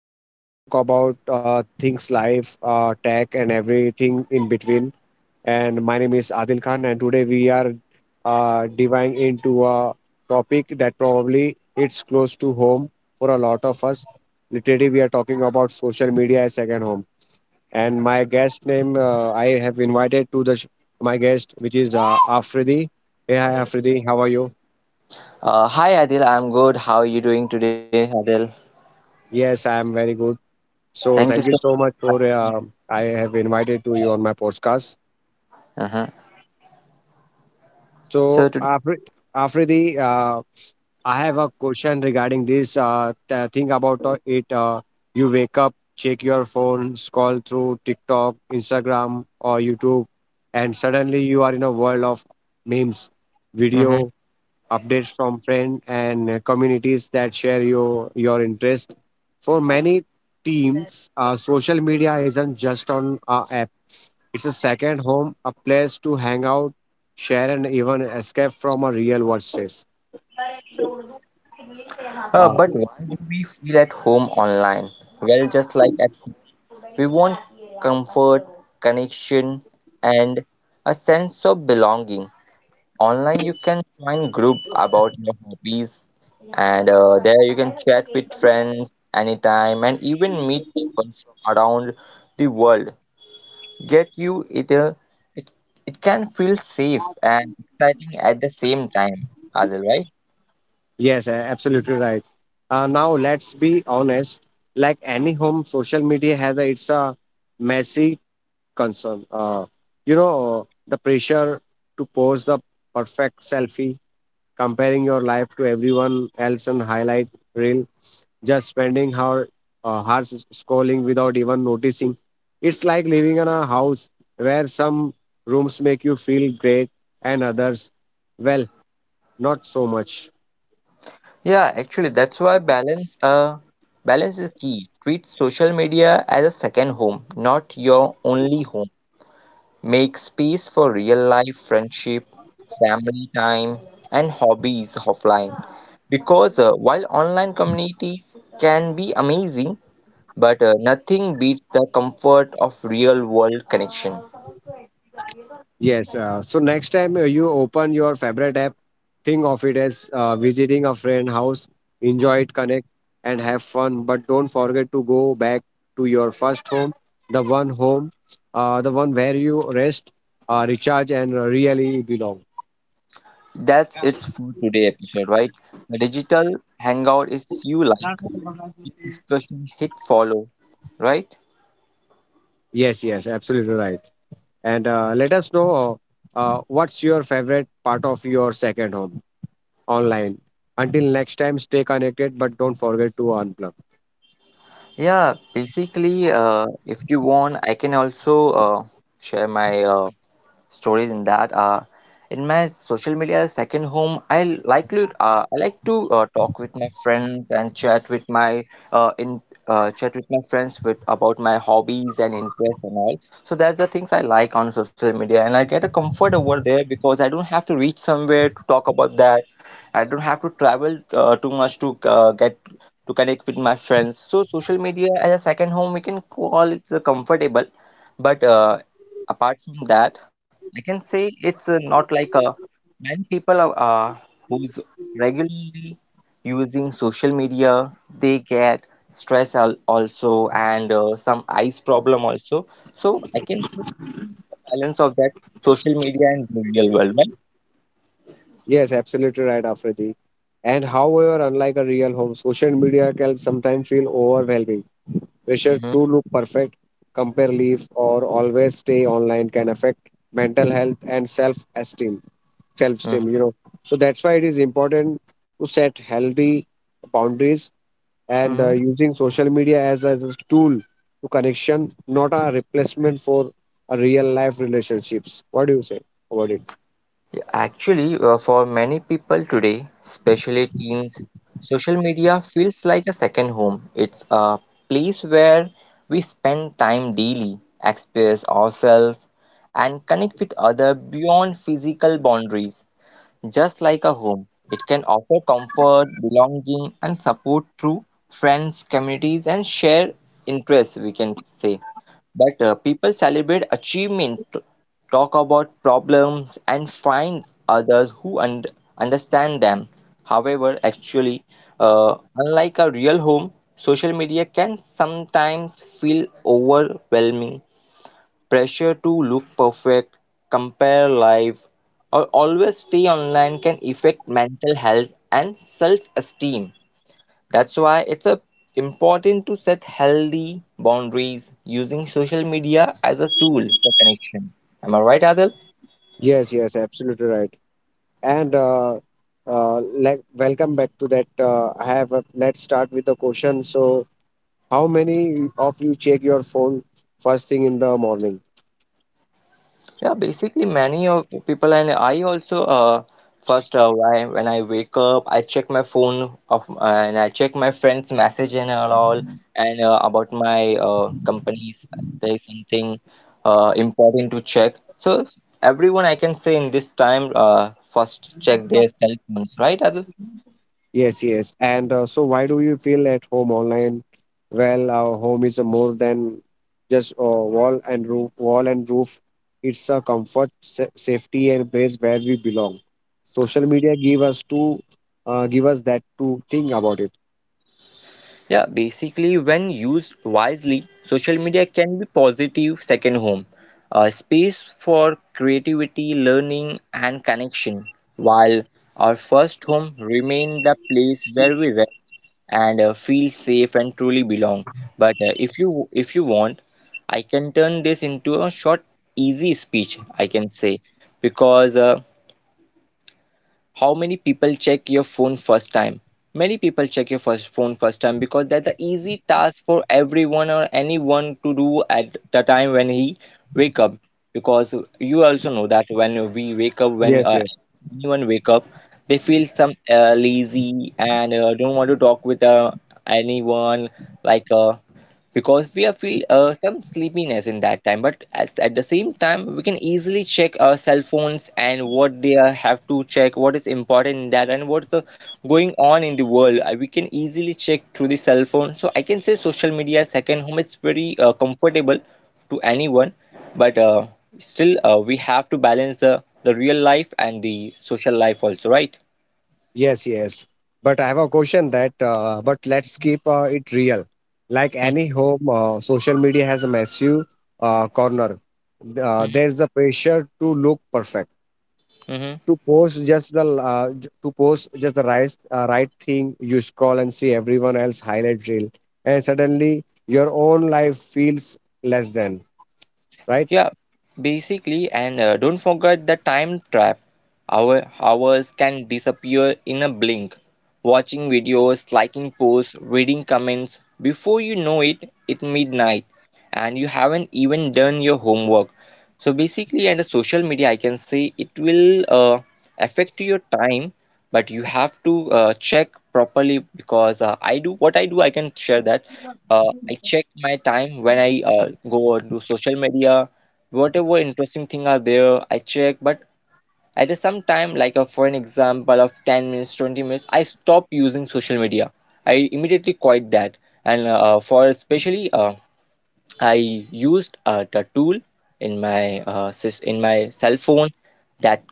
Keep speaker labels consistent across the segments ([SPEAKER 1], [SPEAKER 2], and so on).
[SPEAKER 1] place where we talk about things life, tech, and everything in between. And my name is Adil Khan, and today we are diving into a topic that probably it's close to home for a lot of us. Literally, we are talking about social media as second home and my guest name, I have invited to my guest, which is Afridi. Hey, hi Afridi, how are you?
[SPEAKER 2] Hi Adil, I'm good. How are you doing today, Adil?
[SPEAKER 1] Yes, I am very good. So
[SPEAKER 2] Thank you
[SPEAKER 1] thank
[SPEAKER 2] so
[SPEAKER 1] you so much
[SPEAKER 2] much.
[SPEAKER 1] for, I have invited to you on my podcast.
[SPEAKER 2] Uh-huh. So
[SPEAKER 1] So
[SPEAKER 2] today,
[SPEAKER 1] Afridi, I have a question regarding this thing about it. You wake up, check your phone, scroll through TikTok, Instagram, or YouTube, and suddenly you are in a world of memes
[SPEAKER 2] mhm,
[SPEAKER 1] video updates from friends and communities that share your interest. For many teams, social media isn't just on a app. It's a second home, a place to hang out, share, and even escape from a real world stress. Uh,
[SPEAKER 2] but why do we feel at home online? Well, just like at home, we want comfort, connection, and a sense of belonging. Online, you can join group about your hobbies, and there you can chat with friends anytime, and even meet people from around the world. Yet you it, it It can feel safe and exciting at the same time, Adil, right?
[SPEAKER 1] yes, absolutely right. Now let's be honest. Like any home, social media has, it's a messy concern. You know the pressure to post the perfect selfie comparing your life to everyone else and highlight reel, just spending our hours scrolling without even noticing. It's like living in a house where some rooms make you feel great and others, well, not so much.
[SPEAKER 2] Yeah, actually that's why balance is key. Treat social media as a second home, not your only home. Make space for real life friendship, family time, and hobbies offline. Because while online communities can be amazing, but nothing beats the comfort of real world connection.
[SPEAKER 1] Yes. So next time, you open your favorite app, think of it as visiting a friend house. Enjoy it, connect, and have fun. But don't forget to go back to your first home, the one where you rest, recharge, and really belong.
[SPEAKER 2] That's it for today episode, right? The digital hangout is you like the discussion hit follow, right?
[SPEAKER 1] Yes. Yes. Absolutely right. And let us know, what's your favorite part of your second home online. Until next time, stay connected, but don't forget to unplug.
[SPEAKER 2] Yeah, basically, if you want, I can also share my stories in that. In my social media second home, I like to talk with my friends and chat with my in chat with my friends with about my hobbies and interests and all. So that's the things I like on social media, and I get a comfort over there because I don't have to reach somewhere to talk about that. I don't have to travel too much to get to connect with my friends. So social media as a second home, we can call it's the comfortable. But apart from that, I can say it's not like many people are who's regularly using social media. They get stress al also and some eyes problem also. So I can see balance of that social media and the real world, right?
[SPEAKER 1] Yes, absolutely right, Afridi. And however, unlike a real home, social media can sometimes feel overwhelming. Pressure
[SPEAKER 2] Mm-hmm.
[SPEAKER 1] to look perfect, compare life, or always stay online can affect mental health and self-esteem.
[SPEAKER 2] Mm-hmm.
[SPEAKER 1] Self-esteem, you know. So that's why it is important to set healthy boundaries and
[SPEAKER 2] Mm-hmm.
[SPEAKER 1] uh, using social media as a tool to connection, not a replacement for a real life relationships. What do you say about it?
[SPEAKER 2] Actually, for many people today, especially teens, social media feels like a second home. It's a place where we spend time daily, express ourselves, and connect with others beyond physical boundaries. Just like a home, it can offer comfort, belonging, and support through friends, communities, and shared interests, we can say. But people celebrate achievement, talk about problems, and find others who understand them. However, actually, unlike a real home, social media can sometimes feel overwhelming. Pressure to look perfect, compare life, or always stay online can affect mental health and self-esteem. That's why it's a important to set healthy boundaries using social media as a tool for connection. Am I right, Adil?
[SPEAKER 1] Yes, yes, absolutely right. And like welcome back to that. I have a, let's start with the question. So how many of you check your phone first thing in the morning?
[SPEAKER 2] Yeah, basically many of people and I also first when I wake up I check my phone of and I check my friends message and all, and about my companies there is something important to check, so everyone I can say in this time first check their cell phones, right Adil?
[SPEAKER 1] Yes, yes. And so why do you feel at home online? Well, our home is a more than just a wall and roof, wall and roof. It's a comfort, safety, and place where we belong. Social media give us to, give us that to think about it.
[SPEAKER 2] Yeah, basically, when used wisely, social media can be positive second home, a space for creativity, learning, and connection, while our first home remain the place where we rest and feel safe and truly belong. But if you want, I can turn this into a short, easy speech, I can say, because how many people check your phone first time, many people check your first phone first time because that's an easy task for everyone or anyone to do at the time when he wake up, because you also know that when we wake up when
[SPEAKER 1] Yes, yes.
[SPEAKER 2] anyone wake up they feel some lazy and don't want to talk with anyone like uh, because we are feel some sleepiness in that time, but at the same time we can easily check our cell phones and what they are, have to check what is important in that and what's the going on in the world. We can easily check through the cell phone, so I can say social media second home is very comfortable to anyone, but still we have to balance the real life and the social life also, right?
[SPEAKER 1] Yes, yes. But I have a question that, but let's keep it real. Like any home, social media has a massive corner. There's the pressure to look perfect,
[SPEAKER 2] Mm-hmm.
[SPEAKER 1] to post just to post just the right thing. You scroll and see everyone else highlight reel, and suddenly your own life feels less than. Right?
[SPEAKER 2] Yeah, basically, and don't forget the time trap. Our hours can disappear in a blink. Watching videos, liking posts, reading comments, before you know it, it's midnight and you haven't even done your homework. So basically and the social media I can say it will affect your time, but you have to check properly, because I do what I do, I can share that. I check my time when I go on to social media, whatever interesting thing are there I check, but at a some time like for an example of 10 minutes 20 minutes I stop using social media, I immediately quit that. And for especially I used the tool in my uh, in my cell phone that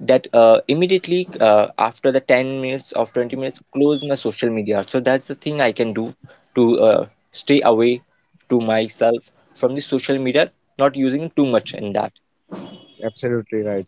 [SPEAKER 2] that immediately after the 10 minutes of 20 minutes close my social media. So that's the thing I can do to stay away to myself from the social media, not using too much in that.
[SPEAKER 1] Absolutely right.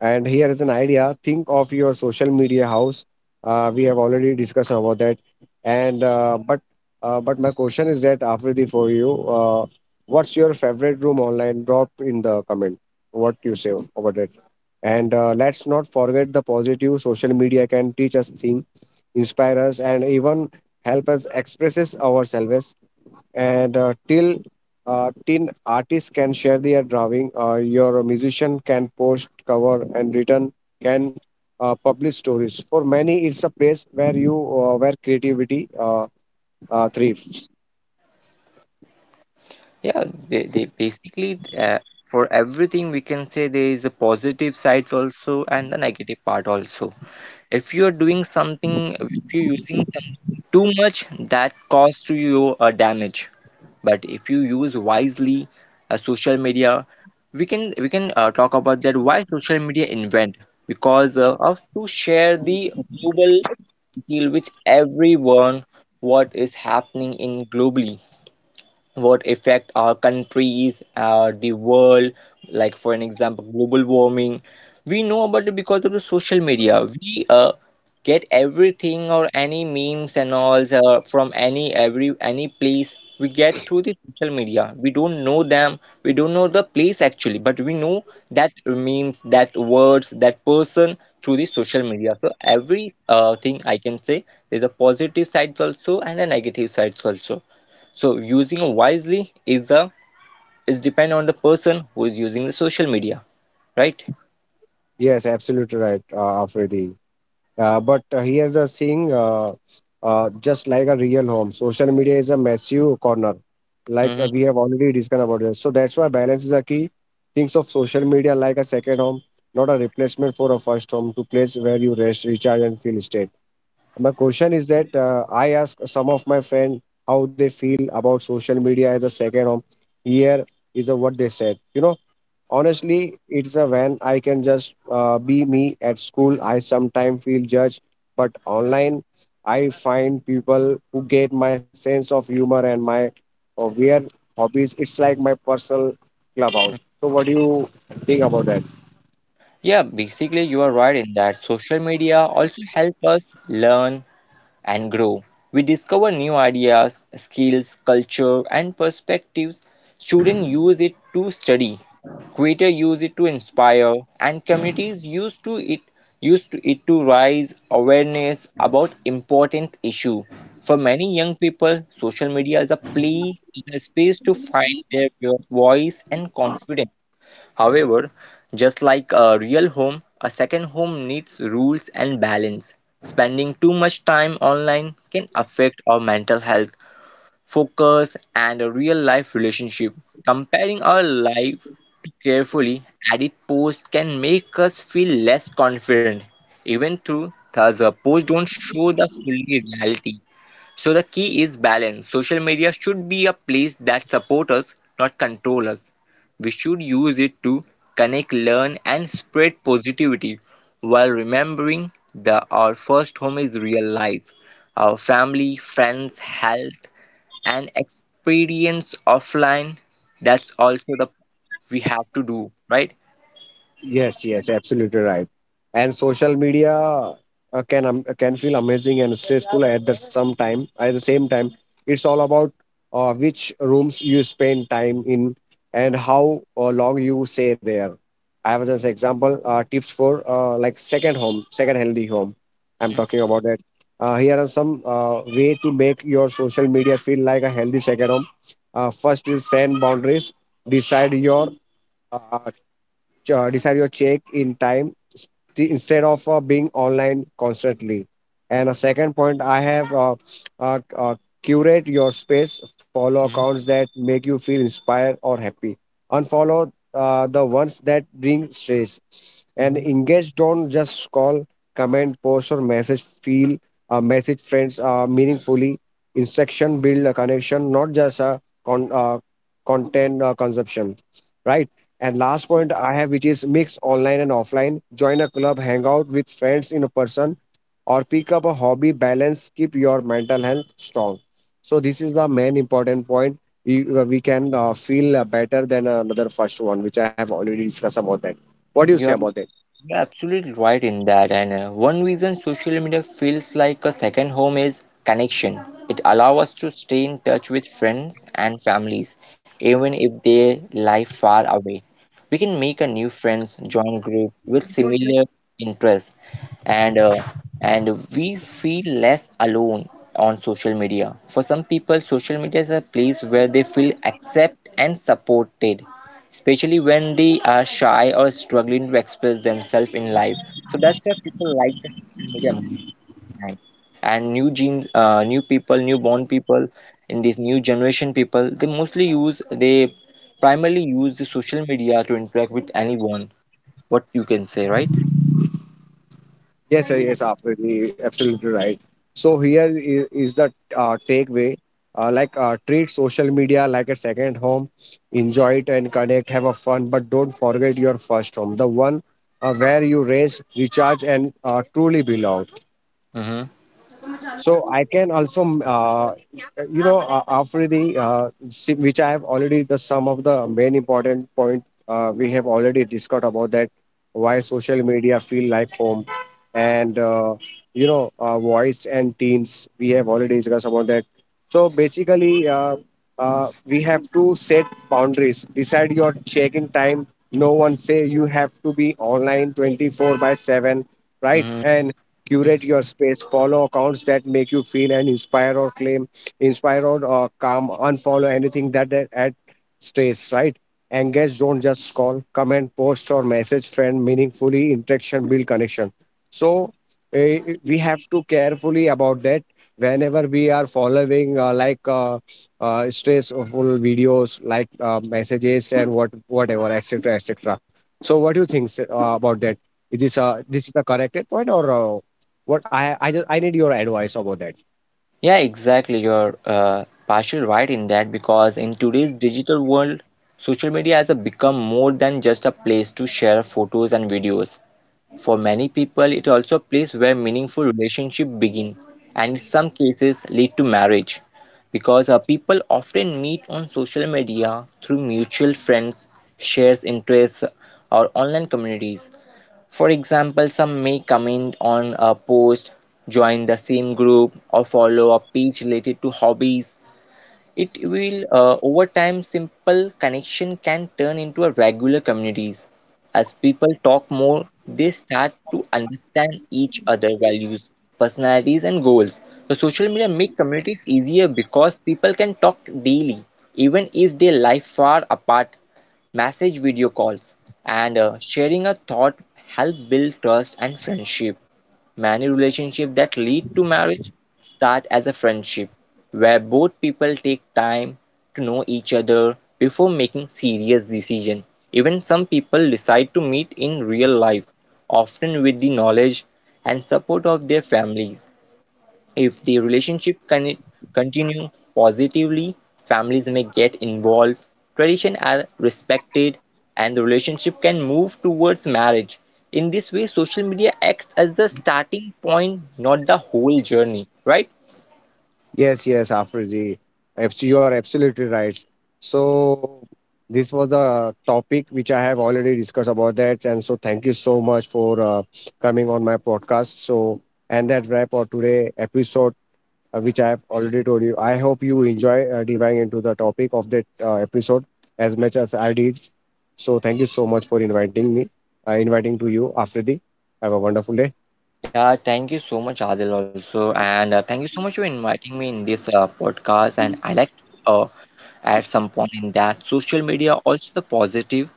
[SPEAKER 1] And here is an idea: think of your social media house. We have already discussed about that. And but my question is that Afridi for you, what's your favorite room online? Drop in the comment what you say about it. And let's not forget the positive social media can teach us things, inspire us, and even help us express ourselves and till tin artists can share their drawing, your musician can post cover and written can publish stories for many it's a place where you where creativity thrives.
[SPEAKER 2] Yeah, they basically for everything we can say there is a positive side also and the negative part also. If you're doing something, if you're using something too much that causes you a damage, but if you use wisely social media, we can talk about that why social media invent, because of to share the global deal with everyone, what is happening in globally, what affect our countries the world, like for an example global warming, we know about it because of the social media, we get everything or any memes and all from any every any place, we get through the social media, we don't know them, we don't know the place actually, but we know that memes, that words, that person through the social media. So every thing I can say there's a positive side also and a negative sides also, so using wisely is the is depend on the person who is using the social media, right?
[SPEAKER 1] Yes, absolutely right, Afridi. But here's the thing, just like a real home, social media is a massive corner. Like
[SPEAKER 2] Mhm.
[SPEAKER 1] we have already discussed about this. So that's why balance is a key. Thinks of social media like a second home, not a replacement for a first home to place where you rest, recharge, and feel state. My question is that I ask some of my friends how they feel about social media as a second home. Here is what they said. You know, honestly, it's a when I can just be me at school. I sometimes feel judged, but online, I find people who get my sense of humor and my weird hobbies. It's like my personal clubhouse. So, what do you think about that?
[SPEAKER 2] Yeah, basically you are right in that, social media also help us learn and grow. We discover new ideas, skills, culture, and perspectives. Students use it to study, creators use it to inspire, and communities use to it to raise awareness about important issue. For many young people, social media is a play, is a space to find their real voice and confidence. However, just like a real home, a second home needs rules and balance. Spending too much time online can affect our mental health, focus, and a real life relationship. Comparing our life too carefully, edit posts can make us feel less confident, even though thus a post don't show the full reality. So the key is balance. Social media should be a place that supports us, not controls us. We should use it to connect, learn, and spread positivity while remembering that our first home is real life, our family, friends, health, and experience offline. That's also the we have to do, right?
[SPEAKER 1] Yes, yes, absolutely right. And social media can feel amazing and stressful at the some time. At the same time, it's all about which rooms you spend time in and how long you stay there. I have just example tips for like second home, second healthy home. I'm talking about that. Here are some way to make your social media feel like a healthy second home. First is set boundaries. Decide your uh, decide your check in time instead of being online constantly. And a second point, I have uh, uh, curate your space, follow accounts that make you feel inspired or happy, unfollow the ones that bring stress, and
[SPEAKER 2] Hmm.
[SPEAKER 1] engage. Don't just call, comment, post, or message. Feel Message friends meaningfully. Instruction build a connection, not just a con- uh, content consumption, right? And last point I have, which is mix online and offline. Join a club, hang out with friends in a person, or pick up a hobby, balance, keep your mental health strong. So, this is the main important point. We can feel better than another first one, which I have already discussed about that. What do you say about that?
[SPEAKER 2] You're absolutely right in that. And one reason social media feels like a second home is connection. It allows us to stay in touch with friends and families, even if they live far away. We can make a new friends, join group with similar interests, and and we feel less alone on social media. For some people social media is a place where they feel accepted and supported, especially when they are shy or struggling to express themselves in life, so that's why people like the social media most of this time. And new people newborn people in this new generation people, they primarily use the social media to interact with anyone, what you can say, right?
[SPEAKER 1] Yes, sir, yes, absolutely, absolutely right. So here is the takeaway: like treat social media like a second home, enjoy it and connect, have a fun, but don't forget your first home, the one where you raise, recharge, and truly belong.
[SPEAKER 2] Mm-hmm.
[SPEAKER 1] So I can also, you know, after which I have already the some of the main important point we have already discussed about that why social media feel like home, and you know, voice and teens we have already discussed about that. So basically, we have to set boundaries, decide your check-in time. No one say you have to be online 24/7, right?
[SPEAKER 2] Mm-hmm.
[SPEAKER 1] And curate your space, follow accounts that make you feel and inspire or claim, inspire or calm, unfollow anything that at stress, right? Engage, don't just call, comment, post, or message friend meaningfully, interaction build connection. So eh, we have to carefully about that whenever we are following stressful videos like messages and what whatever etc etc. So what do you think, sir, about that? Is this this is the correct point or what I just, I need your advice about that.
[SPEAKER 2] Yeah, exactly. You're partially right in that, because in today's digital world, social media has a become more than just a place to share photos and videos. For many people, it also a place where meaningful relationships begin, and in some cases lead to marriage, because people often meet on social media through mutual friends, shares interests, or online communities. For example, some may comment on a post, join the same group, or follow a page related to hobbies. It will, over time, simple connection can turn into a regular communities. As people talk more, they start to understand each other values, personalities, and goals. The social media make communities easier because people can talk daily, even if they live far apart. Message video calls, and sharing a thought help build trust and friendship. Many relationships that lead to marriage start as a friendship where both people take time to know each other before making serious decision. Even some people decide to meet in real life, often with the knowledge and support of their families. If the relationship can continue positively, families may get involved, traditions are respected, and the relationship can move towards marriage. In this way, social media acts as the starting point, not the whole journey, right?
[SPEAKER 1] Yes, yes, Afriji. You are absolutely right. So this was the topic which I have already discussed about that, and so thank you so much for coming on my podcast. So and that wrap for today episode, which I have already told you. I hope you enjoy diving into the topic of that episode as much as I did. So thank you so much for inviting me, inviting to you, Afridi. Have a wonderful day.
[SPEAKER 2] Yeah, thank you so much, Adil, also. And thank you so much for inviting me in this podcast. And I like to at some point in that social media also the positive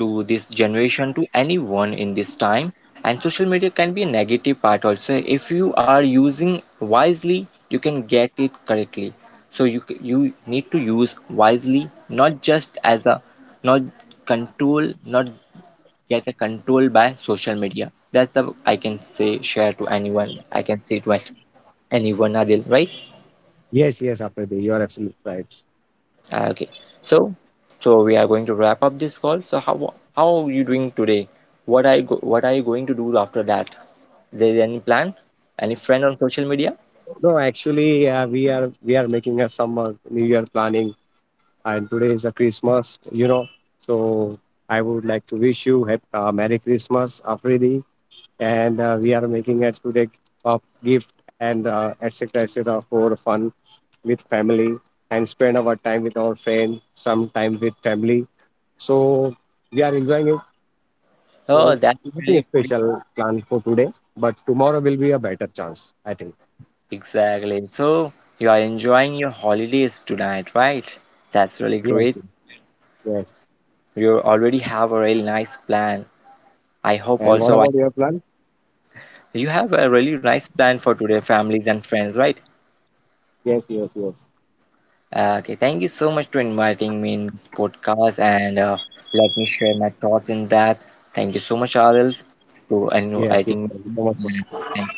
[SPEAKER 2] to this generation to anyone in this time, and social media can be a negative part also. If you are using wisely you can get it correctly, so you need to use wisely, not just as a not control, not get a control by social media. That's the I can say share to anyone, I can say to anyone Adil, right?
[SPEAKER 1] Yes, yes, Afridi, you are absolutely right.
[SPEAKER 2] Ah, okay. So, so we are going to wrap up this call. So how are you doing today? What are you going to do after that? There is any plan? Any friend on social media?
[SPEAKER 1] No, actually, we are making a summer New Year planning, and today is a Christmas, you know. So I would like to wish you Merry Christmas, Afridi, and we are making a today gift and etc. etc. for fun with family and spend our time with our friend, some time with family. So we are enjoying it. So
[SPEAKER 2] Oh, that's
[SPEAKER 1] nothing
[SPEAKER 2] really great.
[SPEAKER 1] special planned for today, but tomorrow will be a better chance, I think.
[SPEAKER 2] Exactly. So you are enjoying your holidays tonight, right? That's really
[SPEAKER 1] Yes,
[SPEAKER 2] great.
[SPEAKER 1] yes.
[SPEAKER 2] You already have a really nice plan. I hope
[SPEAKER 1] And what
[SPEAKER 2] also
[SPEAKER 1] about
[SPEAKER 2] I,
[SPEAKER 1] your plan?
[SPEAKER 2] you have a really nice plan for today, families and friends, right?
[SPEAKER 1] Yes, yes, yes.
[SPEAKER 2] Okay, thank you so much for inviting me in this podcast and let me share my thoughts in that. Thank you so much, Adil, for
[SPEAKER 1] Yes, yes.
[SPEAKER 2] inviting
[SPEAKER 1] Thank
[SPEAKER 2] me.
[SPEAKER 1] you so much
[SPEAKER 2] And
[SPEAKER 1] for
[SPEAKER 2] thank